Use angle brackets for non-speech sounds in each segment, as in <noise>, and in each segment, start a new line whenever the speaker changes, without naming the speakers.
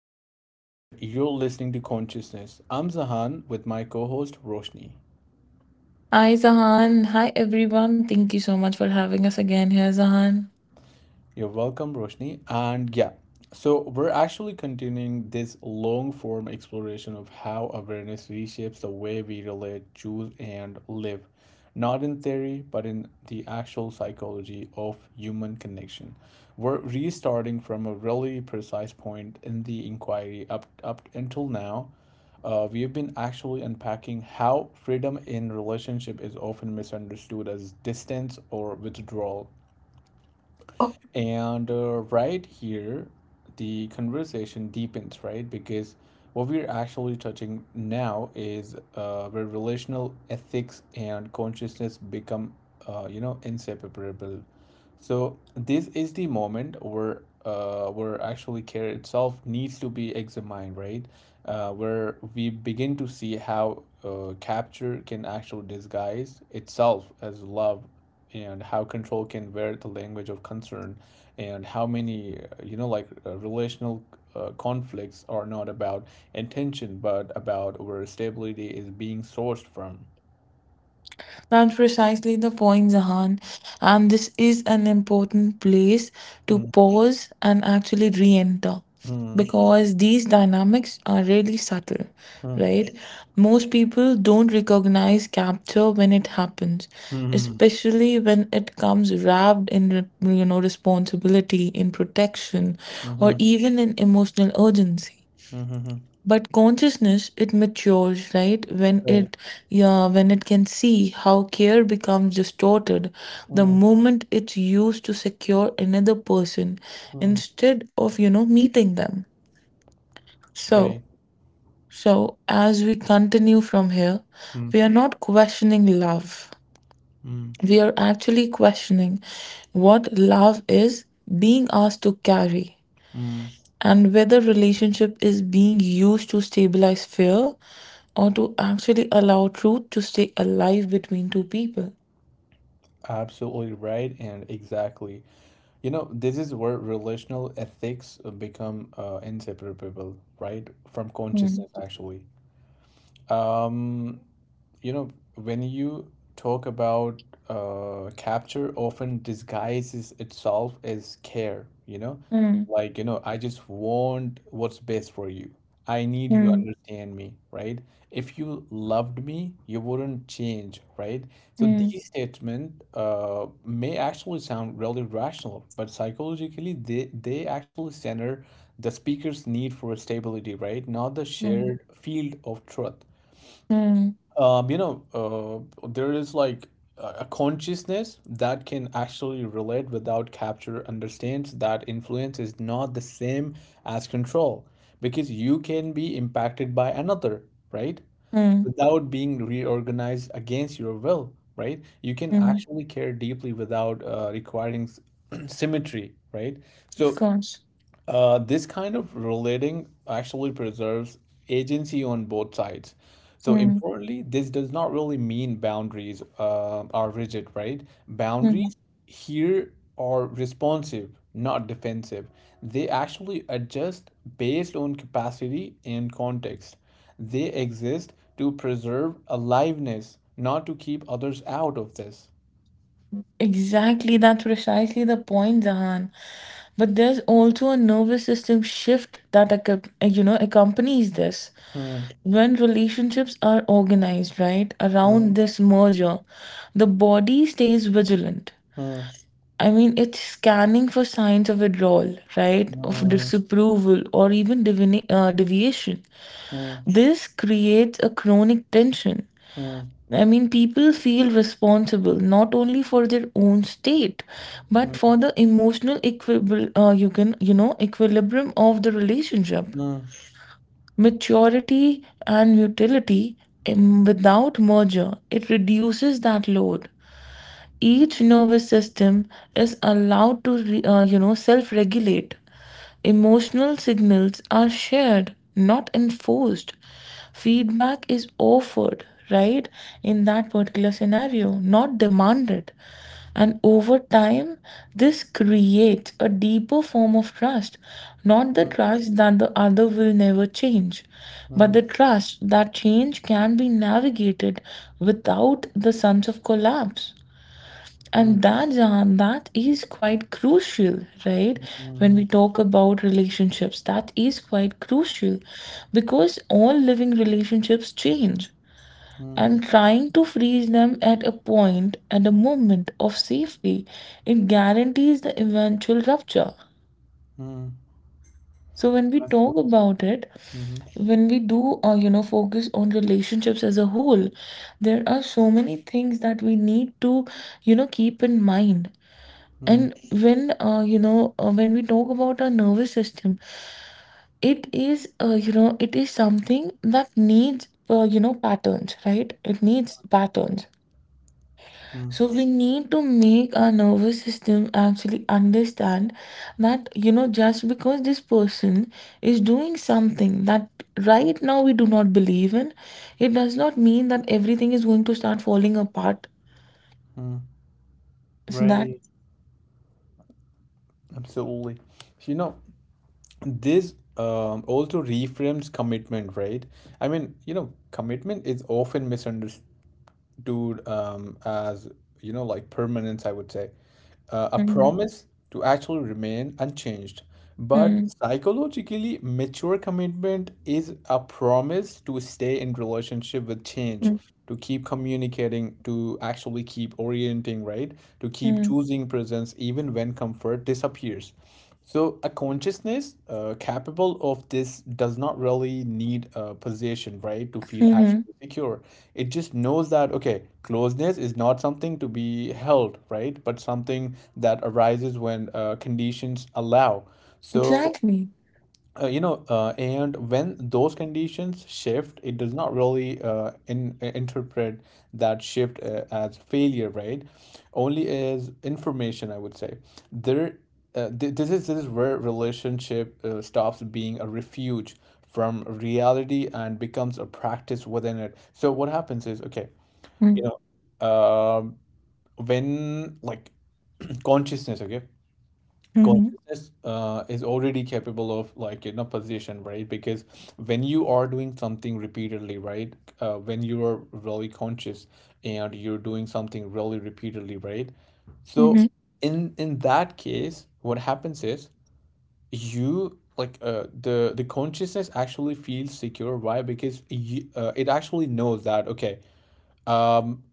podcast, and you're listening to Consciousness. I'm Zahan with my co host Roshni.
Hi Zahan. Hi everyone. Thank you so much for having us again here, Zahan.
You're welcome, Roshni. And yeah, so we're actually continuing this long form exploration of how awareness reshapes the way we relate, choose, and live, not in theory, but in the actual psychology of human connection. We're restarting from a really precise point in the inquiry up until now. We have been actually unpacking how freedom in relationship is often misunderstood as distance or withdrawal and right here, the conversation deepens, right? Because what we're actually touching now is where relational ethics and consciousness become, inseparable. So this is the moment where actually care itself needs to be examined, right? Where we begin to see how capture can actually disguise itself as love, and how control can wear the language of concern, and how many relational conflicts are not about intention but about where stability is being sourced from.
That's precisely the point, Zahan. And this is an important place to
Mm,
pause and actually re enter
mm,
because these dynamics are really subtle,
mm,
right? Most people don't recognize capture when it happens,
mhm,
especially when it comes wrapped in, responsibility, in protection, or even in emotional urgency.
mhm,
But consciousness, it matures, right?
right,
When it can see how care becomes distorted the
mm,
moment it's used to secure another person
mm,
instead of, meeting them.
right.
So, so as we continue from here,
mm,
we are not questioning love.
mm,
We are actually questioning what love is being asked to carry
mm.
and whether relationship is being used to stabilize fear or to actually allow truth to stay alive between two people.
Absolutely right, and exactly, you know, this is where relational ethics become inseparable, right, from
Mm,
consciousness actually. Um, you know, when you talk about capture often disguises itself as care, you know?
mm,
Like, you know, I just want what's best for you. I need you
mm,
understand me, right? If you loved me, you wouldn't change, right? So
mm,
these statements may actually sound really rational, but psychologically, they actually center the speaker's need for stability, right? Not the
mm,
shared field of truth.
mm,
There is like a consciousness that can actually relate without capture, understands that influence is not the same as control, because you can be impacted by another, right?
mm,
Without being reorganized against your will, right? You can
mm.
actually care deeply without requiring <clears throat> symmetry, right?
Of
So
course.
this kind of relating actually preserves agency on both sides. So,
Mm,
importantly, this does not really mean boundaries are rigid, right?
mm.
Boundaries here are responsive, not defensive. They actually adjust based on capacity and context. They exist to preserve aliveness, not to keep others out of this.
Exactly, that's precisely the point, Zahan. But there's also a nervous system shift that accompanies this.
Hmm.
When relationships are organized, right,
Hmm.
around this merger, the body stays vigilant.
Hmm.
I mean, it's scanning for signs of withdrawal, right? Of
Hmm.
disapproval or even deviation. This creates a chronic tension.
Hmm.
I mean, people feel responsible not only for their own state, but for the emotional equilibrium, you can, you know, equilibrium of the relationship.
Hmm.
Maturity and mutility, without merger, it reduces that load. Each nervous system is allowed to self-regulate. Emotional signals are shared, not enforced. Feedback is offered, right, in that particular scenario, not demanded. And over time, this creates a deeper form of trust, not the
Hmm.
trust that the other will never change, but
Mm,
the trust that change can be navigated without the sense of collapse.
mm,
And that, Jahan, that is quite crucial, right? When
mm,
we talk about relationships, that is quite crucial because all living relationships change.
mm,
And trying to freeze them at a point, at a moment of safety, it guarantees the eventual rupture.
mm.
So when we
Absolutely.
talk about it,
Mm-hmm.
when we do, focus on relationships as a whole, there are so many things that we need to, keep in mind.
Mm,
And when when we talk about our nervous system, it is it is something that needs patterns, right? It needs patterns.
mm,
So we need to make our nervous system actually understand that, you know, just because this person is doing something that right now we do not believe in, it does not mean that everything is going to start falling apart.
mm.
Is that?
Right. Absolutely. So, you know, this also reframes commitment, right? I mean, you know, commitment is often misunderstood, dude, as, you know, like, permanence, I would say, a
Mm-hmm.
promise to actually remain unchanged. But psychologically mature commitment is a promise to stay in relationship with change, to keep communicating, to actually keep orienting, right, to keep choosing presence even when comfort disappears. So a consciousness capable of this does not really need a possession, right, to feel actually
Mm-hmm.
secure. It just knows that, okay, closeness is not something to be held, right, but something that arises when conditions allow. So
Exactly.
and when those conditions shift, it does not really interpret that shift as failure, right? Only as information, I would say. There, this is this is where relationship stops being a refuge from reality and becomes a practice within it. So what happens is, okay, you know, um when like consciousness, okay,
Mhm,
consciousness is already capable of, like, you know, position, right, because when you are doing something repeatedly, right, when you are really conscious and you're doing something really repeatedly, right, so
mhm,
in that case what happens is you like, uh, the consciousness actually feels secure. Why? Because you, it actually knows that, okay, um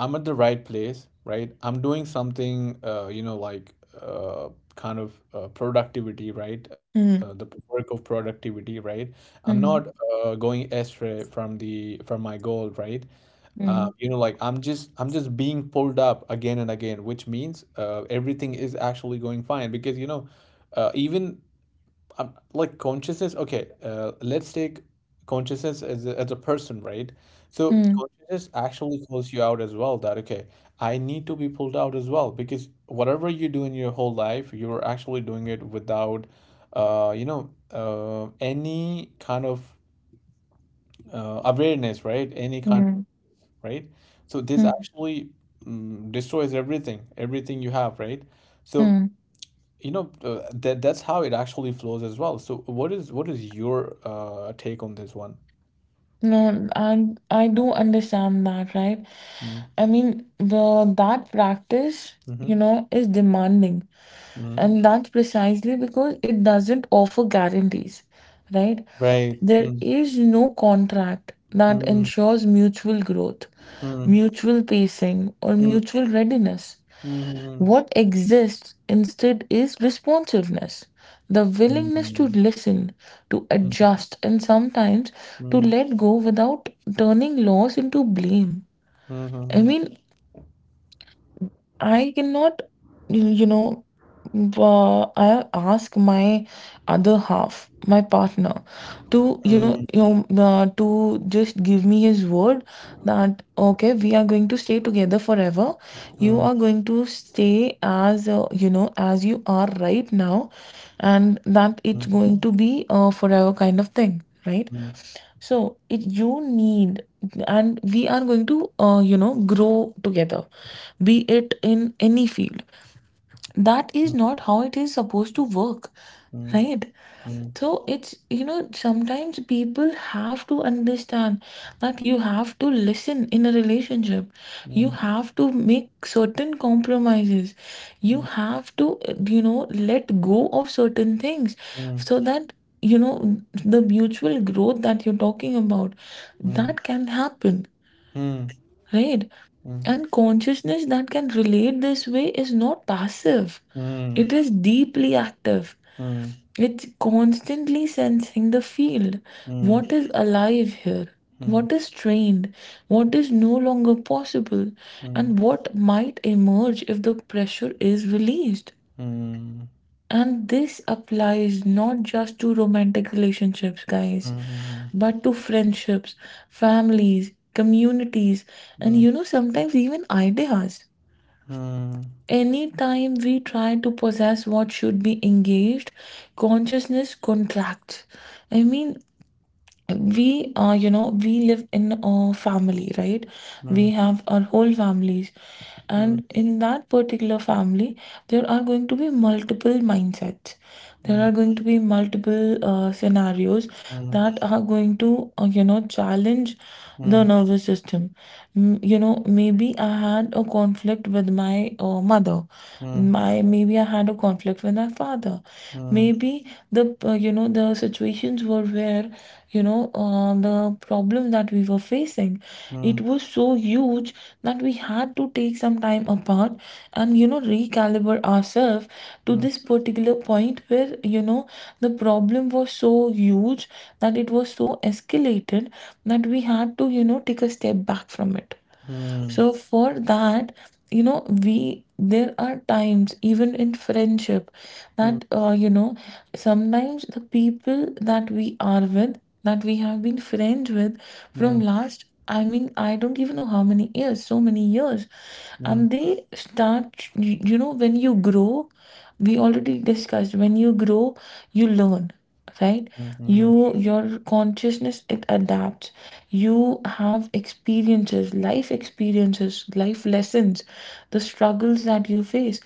I'm at the right place, right? I'm doing something, uh kind of productivity, right,
mm,
the work of productivity, right? I'm not
mhm,
going astray from the from my goal, right?
mm,
I'm just being pulled up again and again, which means everything is actually going fine, because, you know, even like consciousness, okay, let's take consciousness as a person, right? So
mm,
consciousness actually calls you out as well, that, okay, I need to be pulled out as well, because whatever you do in your whole life, you're actually doing it without any kind of awareness, right? Any kind,
mm,
right? So this
mm,
actually destroys everything, everything you have, right? So,
mm.
you know, that that's how it actually flows as well. So, what is your take on this one?
No, and I do understand that, right? I mean, the that practice, you know, is demanding, and that's precisely because it doesn't offer guarantees, right?
Right.
There is no contract that ensures mutual growth, mutual pacing, or mutual readiness. What exists instead is responsiveness, the willingness to listen, to adjust, and sometimes to let go without turning loss into blame. I mean, I cannot, y- you know, I ask my other half, my partner, to, to just give me his word that, okay, we are going to stay together forever. You are going to stay as, as you are right now, and that it's going to be a forever kind of thing, right? So it you need, and we are going to, grow together, be it in any field. That is not how it is supposed to work, right? So it's, you know, sometimes people have to understand that you have to listen in a relationship. You have to make certain compromises. You have to, let go of certain things so that, you know, the mutual growth that you're talking about, that can happen, right? And consciousness that can relate this way is not passive, it is deeply active. It's constantly sensing the field. What is alive here? What is strained? What is no longer possible? And what might emerge if the pressure is released? And this applies not just to romantic relationships, guys, but to friendships, families, communities, and, you know, sometimes even ideas. Anytime we try to possess what should be engaged, consciousness contracts. I mean, we we live in a family, right? We have our whole families, and in that particular family there are going to be multiple mindsets, there are going to be multiple scenarios that are going to challenge the
Mm,
nervous system. You know, maybe I had a conflict with my mother,
mm,
my maybe I had a conflict with my father,
mm,
maybe the, the situations were where, you know, the problem that we were facing,
mm,
it was so huge that we had to take some time apart and, you know, recalibrate ourselves to
mm,
this particular point where, you know, the problem was so huge, that it was so escalated that we had to, you know, take a step back from it.
mm,
So for that, you know, we there are times even in friendship
mm,
that, sometimes the people that we are with, that we have been friends with from
mm,
last, I mean I don't even know how many years, so many years,
mm, mm,
and they start you, you know, when you grow, we already discussed, when you grow, you learn, right?
mhm,
You your consciousness, it adapts. You have experiences, life experiences, life lessons, the struggles that you face,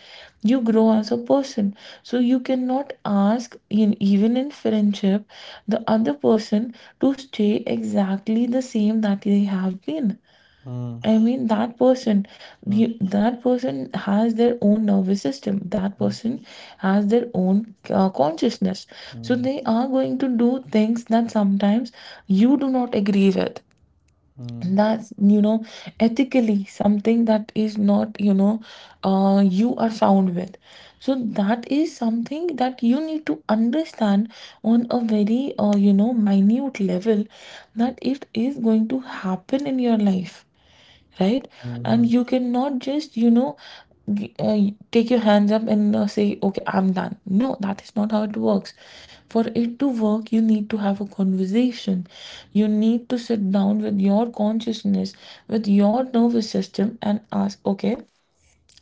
you grow as a person. So you cannot ask in even in friendship the other person to stay exactly the same that they have been.
mm, mm,
I mean, that person,
mm,
that person has their own nervous system. That person has their own consciousness. So
mm,
they are going to do things that sometimes you do not agree with.
mm,
And that's, you know, ethically something that is not, you are sound with. So that is something that you need to understand on a very, minute level, that it is going to happen in your life, right? And
mhm,
you cannot just, you know, g- uh, take your hands up and say, okay, I'm done. No, that is not how it works. For it to work, you need to have a conversation. You need to sit down with your consciousness, with your nervous system, and ask, okay,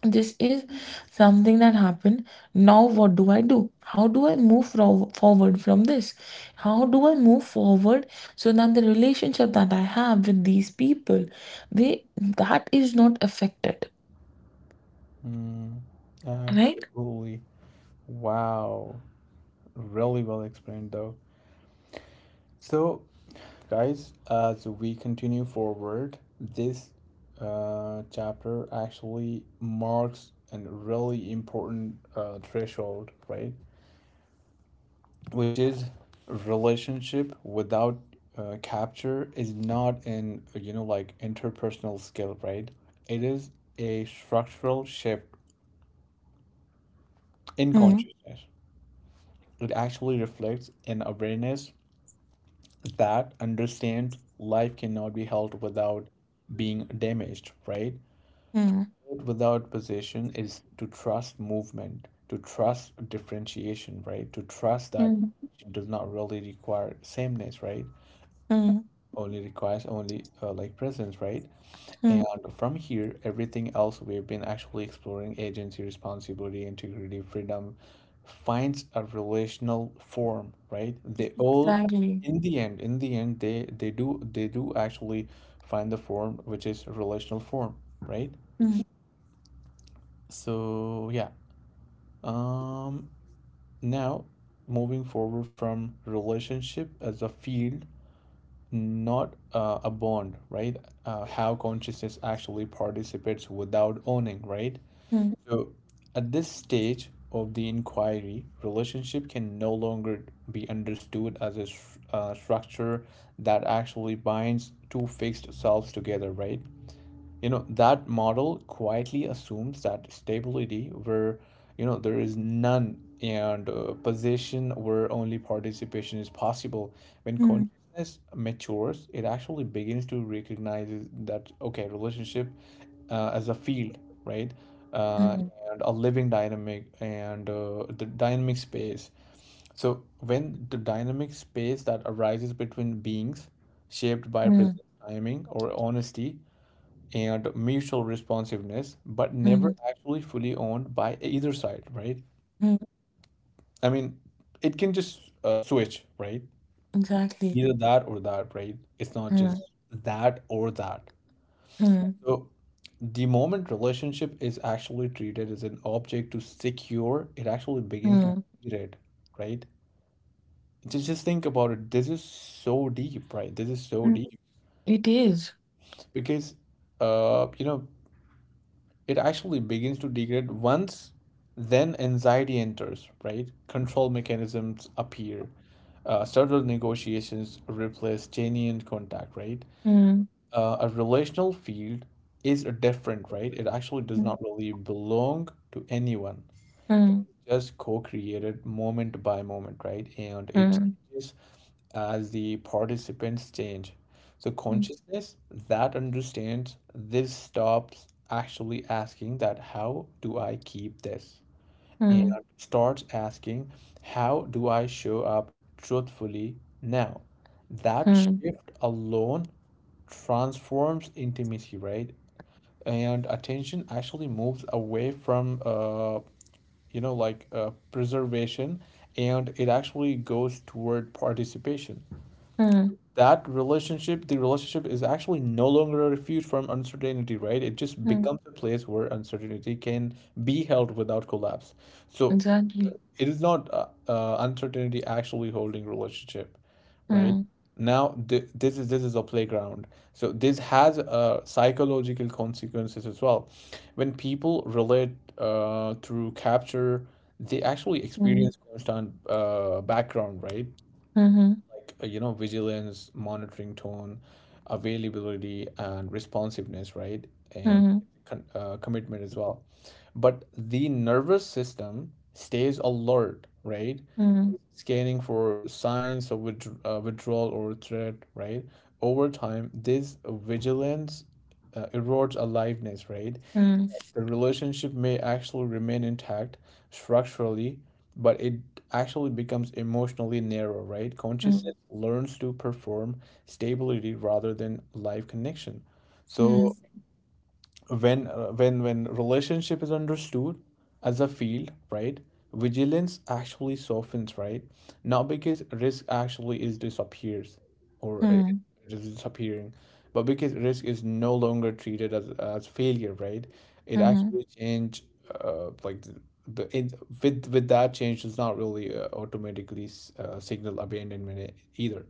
this is something that happened. Now what do I do? How do I forward from this? How do I move forward so that the relationship that I have with these people, they, that is not affected,
mm.
right?
Absolutely. Wow. Really well explained, though. So, guys, as we continue forward, this chapter actually marks a really important threshold, right? Which is, relationship without capture is not an, you know, like, interpersonal skill, right? It is a structural shift in
Hmm.
consciousness. It actually reflects an awareness that understands life cannot be held without being damaged, right?
Hmm.
Without possession is to trust movement, to trust differentiation, right, to trust that
Hmm.
it does not really require sameness, right,
Hmm.
only requires only presence, right?
Hmm.
And from here, everything else we've been actually exploring — agency, responsibility, integrity, freedom — finds a relational form, right? They all,
Exactly.
in the end, they do actually find the form which is a relational form, right?
Hmm.
So yeah. Um Now, moving forward from relationship as a field, not a bond, right? How consciousness actually participates without owning, right?
Hmm.
So, at this stage of the inquiry, relationship can no longer be understood as a structure that actually binds two fixed selves together, right? You know, that model quietly assumes that stability where, you know, there is none, and position where only participation is possible. When
Hmm.
consciousness matures, it actually begins to recognize that, okay, relationship as a field, right, uh,
Hmm.
and a living dynamic, and the dynamic space. So when the dynamic space that arises between beings, shaped by present
Hmm.
timing or honesty and mutual responsiveness, but never
Hmm.
actually fully owned by either side, right?
Hmm.
I mean, it can just switch, right?
Exactly.
Either that or that, right? It's not just
Hmm.
that or that.
Hmm.
So the moment relationship is actually treated as an object to secure, it actually begins to
Hmm.
be it, right? Just think about it. This is so deep, right? This is so
Hmm.
deep,
It is.
because, uh, you know, it actually begins to degrade. Once then anxiety enters, right, control mechanisms appear, subtle negotiations replace genuine contact, right?
Hmm.
A relational field is different, right? It actually does
Hmm.
not really belong to anyone,
Hmm.
just co-created moment by moment, right? And it
Hmm.
changes as the participants change. So consciousness that understands this stops actually asking that, how do I keep this? And
Hmm.
starts asking, how do I show up truthfully now? That
Hmm.
shift alone transforms intimacy, right? And attention actually moves away from preservation, and it actually goes toward participation.
Mm,
That relationship, the relationship, is actually no longer a refuge from uncertainty, right? It just
mm,
becomes a place where uncertainty can be held without collapse. So
exactly.
it is not uncertainty actually holding relationship, right?
Mm,
Now this is a playground. So this has psychological consequences as well. When people relate through capture, they actually
mm,
experience constant background, right,
mm-hmm,
like, you know, vigilance, monitoring tone, availability, and responsiveness, right, and
mm-hmm,
commitment as well. But the nervous system stays alert, right,
mm,
scanning for signs of withdrawal or threat, right? Over time, this vigilance erodes aliveness, right?
mm,
The relationship may actually remain intact structurally, but it actually becomes emotionally narrow, right? Consciousness
mm,
learns to perform stability rather than live connection.
mm,
So when when relationship is understood as a field, right? Vigilance actually softens, right? Not because risk actually is disappears, or
mm,
just disappearing, but because risk is no longer treated as failure, right? It
mm-hmm,
actually change, uh, like the, the it, with that change does not really automatically signal abandonment either.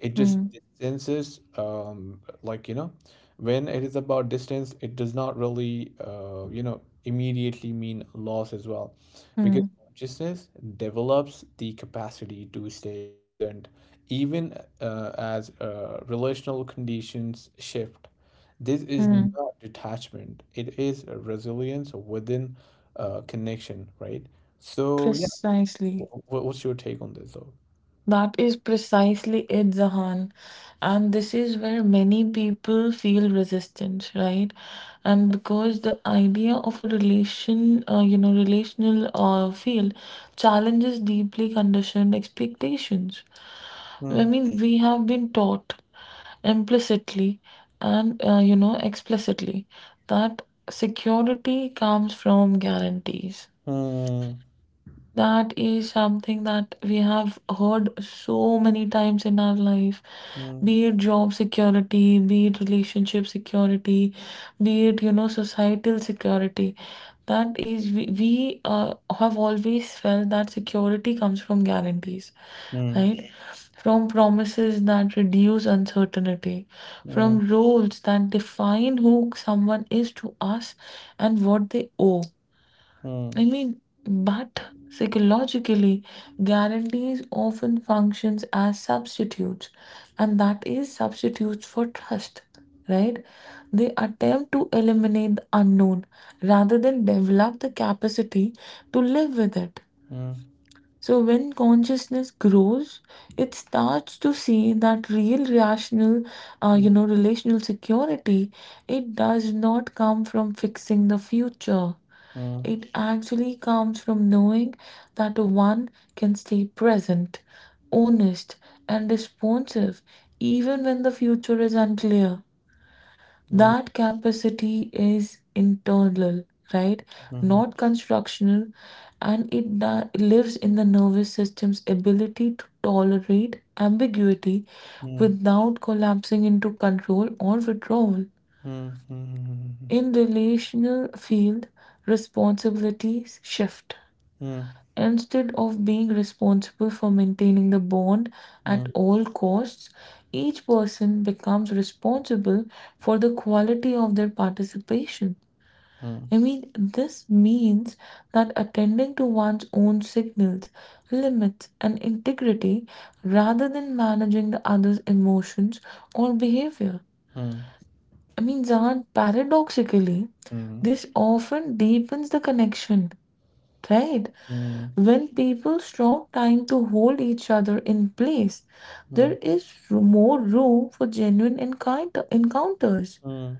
It just
mm,
distances, when it is about distance, it does not really immediately mean loss as well, because
mm,
consciousness develops the capacity to stay present even as relational conditions shift. This is
mm.
not detachment, it is a resilience within connection, right? So, yeah,
Precisely.
what's your take on this though?
That is precisely it, Zahan. And this is where many people feel resistance, right? And because the idea of a relation, relational field challenges deeply conditioned expectations.
Hmm.
I mean, we have been taught implicitly and, explicitly, that security comes from guarantees.
Hmm.
That is something that we have heard so many times in our life,
Hmm.
be it job security, be it relationship security, be it, you know, societal security. That is we, have always felt that security comes from guarantees,
Hmm.
right? From promises that reduce uncertainty,
Hmm.
from roles that define who someone is to us and what they owe.
Hmm.
I mean, but psychologically, guarantees often functions as substitutes, and that is substitutes for trust. Right? They attempt to eliminate the unknown rather than develop the capacity to live with it.
Hmm.
So when consciousness grows, it starts to see that real rational, relational security, it does not come from fixing the future.
Hmm. Hmm.
It actually comes from knowing that one can stay present, honest, and responsive even when the future is unclear. That capacity is internal, right?
Hmm. Hmm.
Not constructional, and it lives in the nervous system's ability to tolerate ambiguity
Hmm.
without collapsing into control or withdrawal.
Hmm. Hmm. Hmm. Hmm.
In relational field, responsibilities shift. Instead of being responsible for maintaining the bond at all costs, each person becomes responsible for the quality of their participation.
Hmm.
I mean, this means that attending to one's own signals, limits, and integrity rather than managing the other's emotions or behavior.
Hmm. Hmm.
I mean, Zan, paradoxically,
Hmm.
this often deepens the connection, right?
Hmm.
When people stop trying to hold each other in place, there
hmm,
is more room for genuine encounters.
Hmm,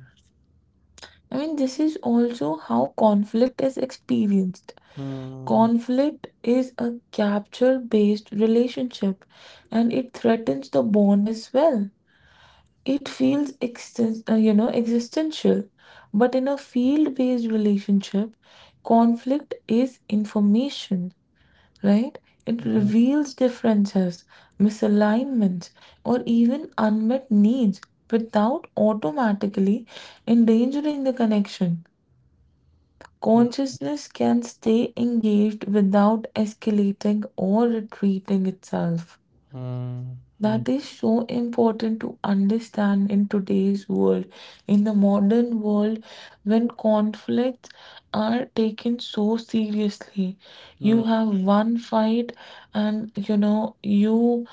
I mean, this is also how conflict is experienced.
Hmm,
Conflict is a capture based relationship and it threatens the bond as well. It
hmm,
feels existential, but in a field based relationship, conflict is information, right? It
hmm,
reveals differences, misalignments, or even unmet needs without automatically endangering the connection.
Hmm,
Consciousness can stay engaged without escalating or retreating itself.
Hmm, hmm,
That is so important to understand in today's world, in the modern world, when conflicts are taken so seriously. You
hmm,
have one fight, and you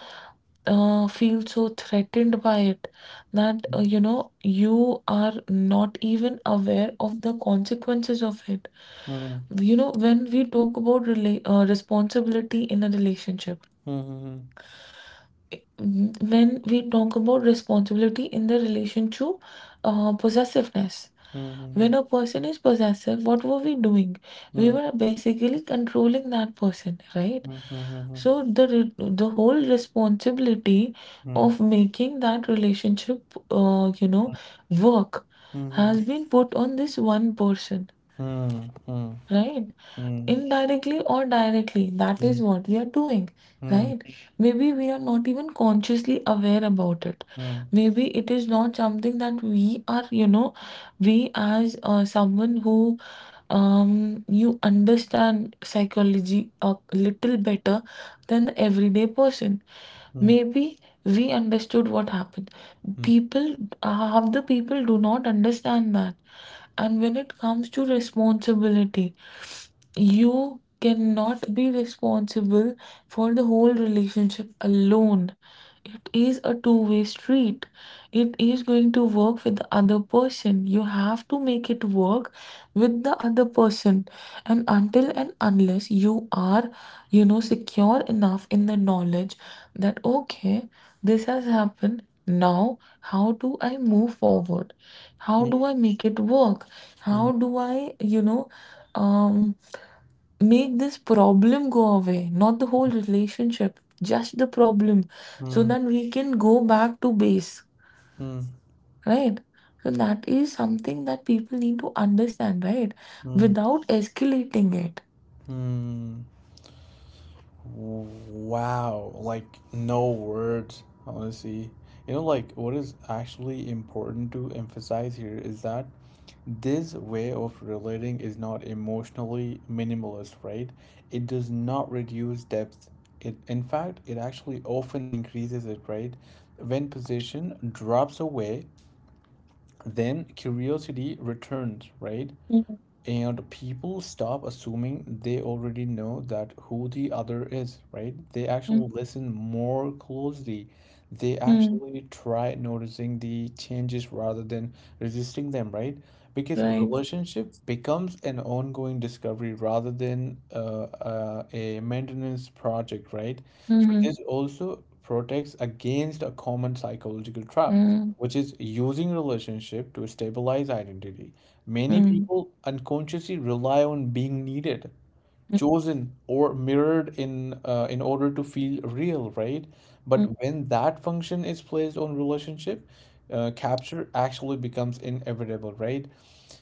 feel so threatened by it that you are not even aware of the consequences of it.
Hmm,
When we talk about responsibility in a relationship,
hmm, hmm, hmm,
when we talk about responsibility in the relation to possessiveness,
hmm,
when a person is possessive, what were we doing? We
hmm,
were basically controlling that person, right?
Hmm, hmm, hmm, hmm, hmm,
So the whole responsibility of making that relationship work
hmm, hmm,
has been put on this one person,
hmm, hmm, hmm, hmm, hmm,
right? Indirectly or directly, that
hmm, hmm, hmm,
is
hmm,
what we are doing, right? Maybe we are not even consciously aware about it. Maybe it is not something that we, as someone who, you understand psychology a little better than the everyday person,
hmm,
maybe we understood what happened. People, half the people, do not understand that. And when it comes to responsibility, you cannot be responsible for the whole relationship alone. It is a two-way street. It is going to work with the other person. You have to make it work with the other person. And until and unless you are, secure enough in the knowledge that, okay, this has happened. Now, how do I move forward? How do I make it work?
Hmm,
How do I, um make this problem go away, not the whole relationship, just the problem, so
hmm,
that we can go back to base,
hmm,
right? So that is something that people need to understand, right?
Hmm,
Without escalating it.
Hmm. Wow, like no words, honestly. You know, like what is actually important to emphasize here is that this way of relating is not emotionally minimalist, right? It does not reduce depth. It, in fact, it actually often increases it, right? When possession drops away, then curiosity returns, right?
Mhm.
And people stop assuming they already know that who the other is, right? They actually listen more closely, they
Mhm.
actually try noticing the changes rather than resisting them, right? Because a
Right.
relationship becomes an ongoing discovery rather than a maintenance project, right? So
Mhm.
this also protects against a common psychological trap,
Mhm.
which is using relationship to stabilize identity. Many
Mm.
people unconsciously rely on being needed,
Mm,
chosen or mirrored in order to feel real, right?
mm,
But when that function is placed on relationship, capture actually becomes inevitable, right?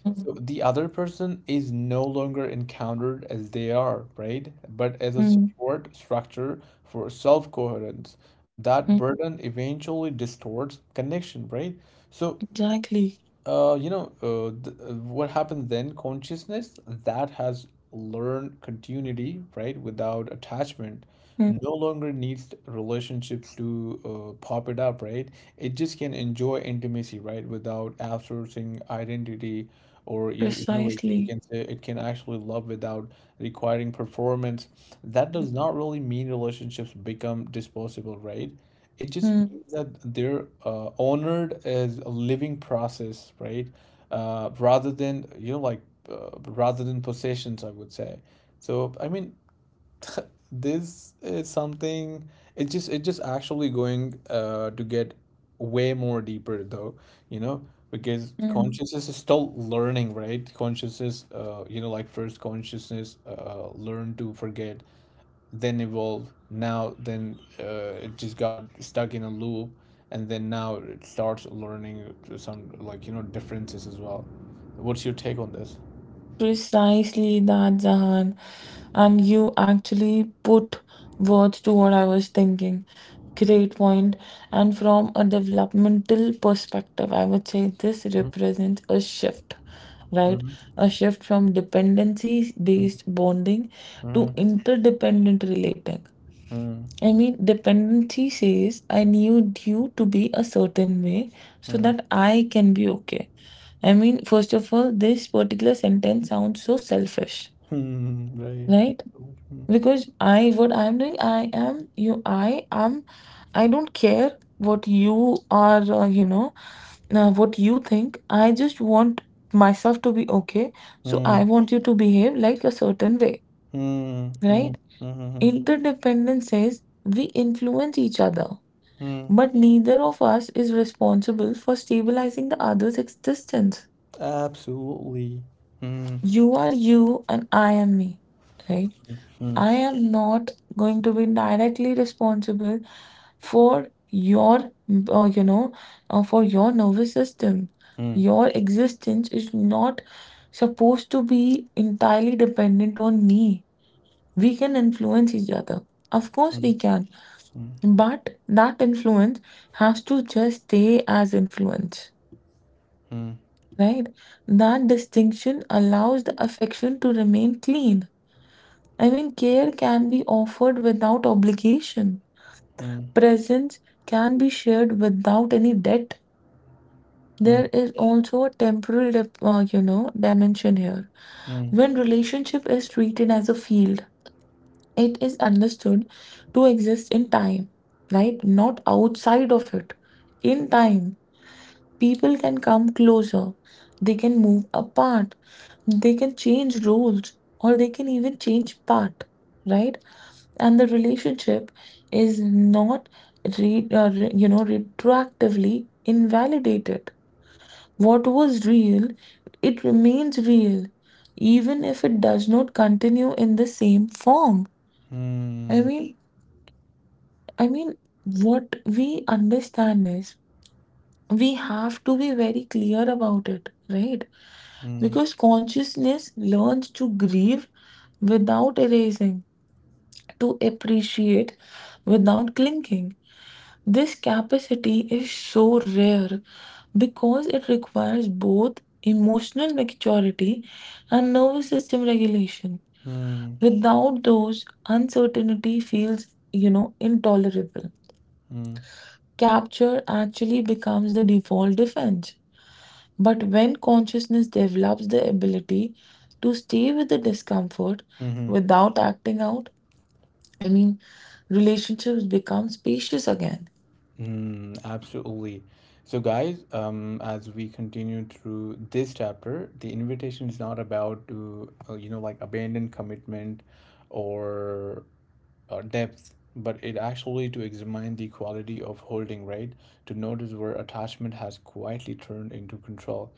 mm,
So the other person is no longer encountered as they are, right? But as a
mm,
support structure for self-coherence. That
mm.
burden eventually distorts connection, right? So
Exactly.
what happened then? Consciousness that has learned continuity, right, without attachment,
Mm.
no longer needs relationships to pop it up, right? It just can enjoy intimacy, right, without outsourcing identity, or you know, like you
Precisely.
can say it can actually love without requiring performance. That
Mm.
does not really mean relationships become disposable, right? It just
Mm.
means that they're honored as a living process, right? Rather than you know like rather than possessions, I would say. So I mean, this is something. It just actually going to get way more deeper though, you know, because
Mm.
consciousness is still learning, right? Consciousness, first consciousness learn to forget, then evolve now then it just got stuck in a loop and then now it starts learning some like you know differences as well. What's your take on this?
Precisely that, Zahan. And you actually put words to what I was thinking. Great point. And from a developmental perspective, I would say this
Mm-hmm.
represents a shift, right?
Mm-hmm.
A shift from dependency based bonding to interdependent relating.
Mm-hmm.
I mean, dependency says I need you to be a certain way so that I can be okay. I mean, first of all, this particular sentence sounds so selfish,
Mm-hmm. Right.
right? Because I what I'm doing I am you I am I don't care what you are, what you think. I just want myself to be okay, so I
Mm,
want you to behave like a certain way,
mm, mm,
right?
mm, mm,
Interdependence says we influence each other,
mm,
but neither of us is responsible for stabilizing the other's existence.
absolutely. Mm,
You are you and I am me, right?
mm,
I am not going to be directly responsible for your, for your nervous system.
mm, mm,
Your existence is not supposed to be entirely dependent on me. We can influence each other. Of course,
mm,
we can. But that influence has to just stay as influence,
mm, mm,
right? That distinction allows the affection to remain clean. I mean, care can be offered without obligation.
mm,
Presence can be shared without any debt.
mm,
There is also a temporal, dimension here. When relationship is treated as a field, it is understood to exist in time, right? Not outside of it. In time, people can come closer, they can move apart, they can change roles, or they can even change path, right? And the relationship is not retroactively invalidated. What was real, it remains real, even if it does not continue in the same form. i
mm,
mean i mean what we understand is we have to be very clear about it, right?
mm,
Because consciousness learns to grieve without erasing, to appreciate without clinging. This capacity is so rare because it requires both emotional maturity and nervous system regulation.
mm,
Without those, uncertainty feels, intolerable.
mm,
Capture actually becomes the default defense. But when consciousness develops the ability to stay with the discomfort
mm-hmm.
without acting out, I mean, relationships become spacious again.
Mm, absolutely. So, guys, as we continue through this chapter, the invitation is not about to, abandon commitment or depth, but it actually to examine the quality of holding, right? To notice where attachment has quietly turned into control,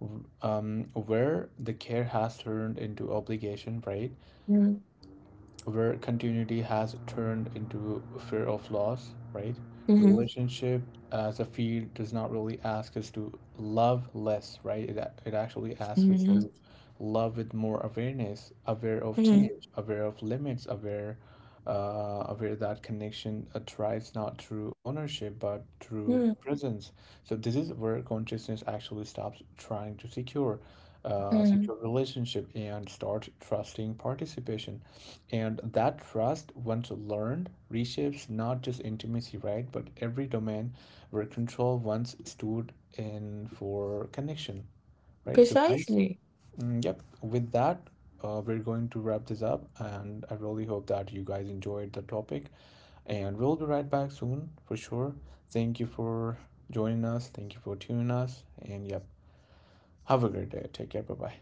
where the care has turned into obligation, right? Where continuity has turned into fear of loss, right?
Mm-hmm.
Relationship as a field does not really ask us to love less, right? It actually asks us to love with more awareness, aware of change, aware of limits, aware aware that connection thrives not through ownership but through
Mhm.
presence. So this is where consciousness actually stops trying to
Hmm.
secure relationship and start trusting participation. And that trust, once learned, reshapes not just intimacy, right, but every domain where control once stood in for connection, right? So, guys,
Precisely.
mm, yep, with that, we're going to wrap this up. And I really hope that you guys enjoyed the topic. And we'll be right back soon for sure. Thank you for joining us. Thank you for tuning us. And yep, have a great day. Take care. Bye bye.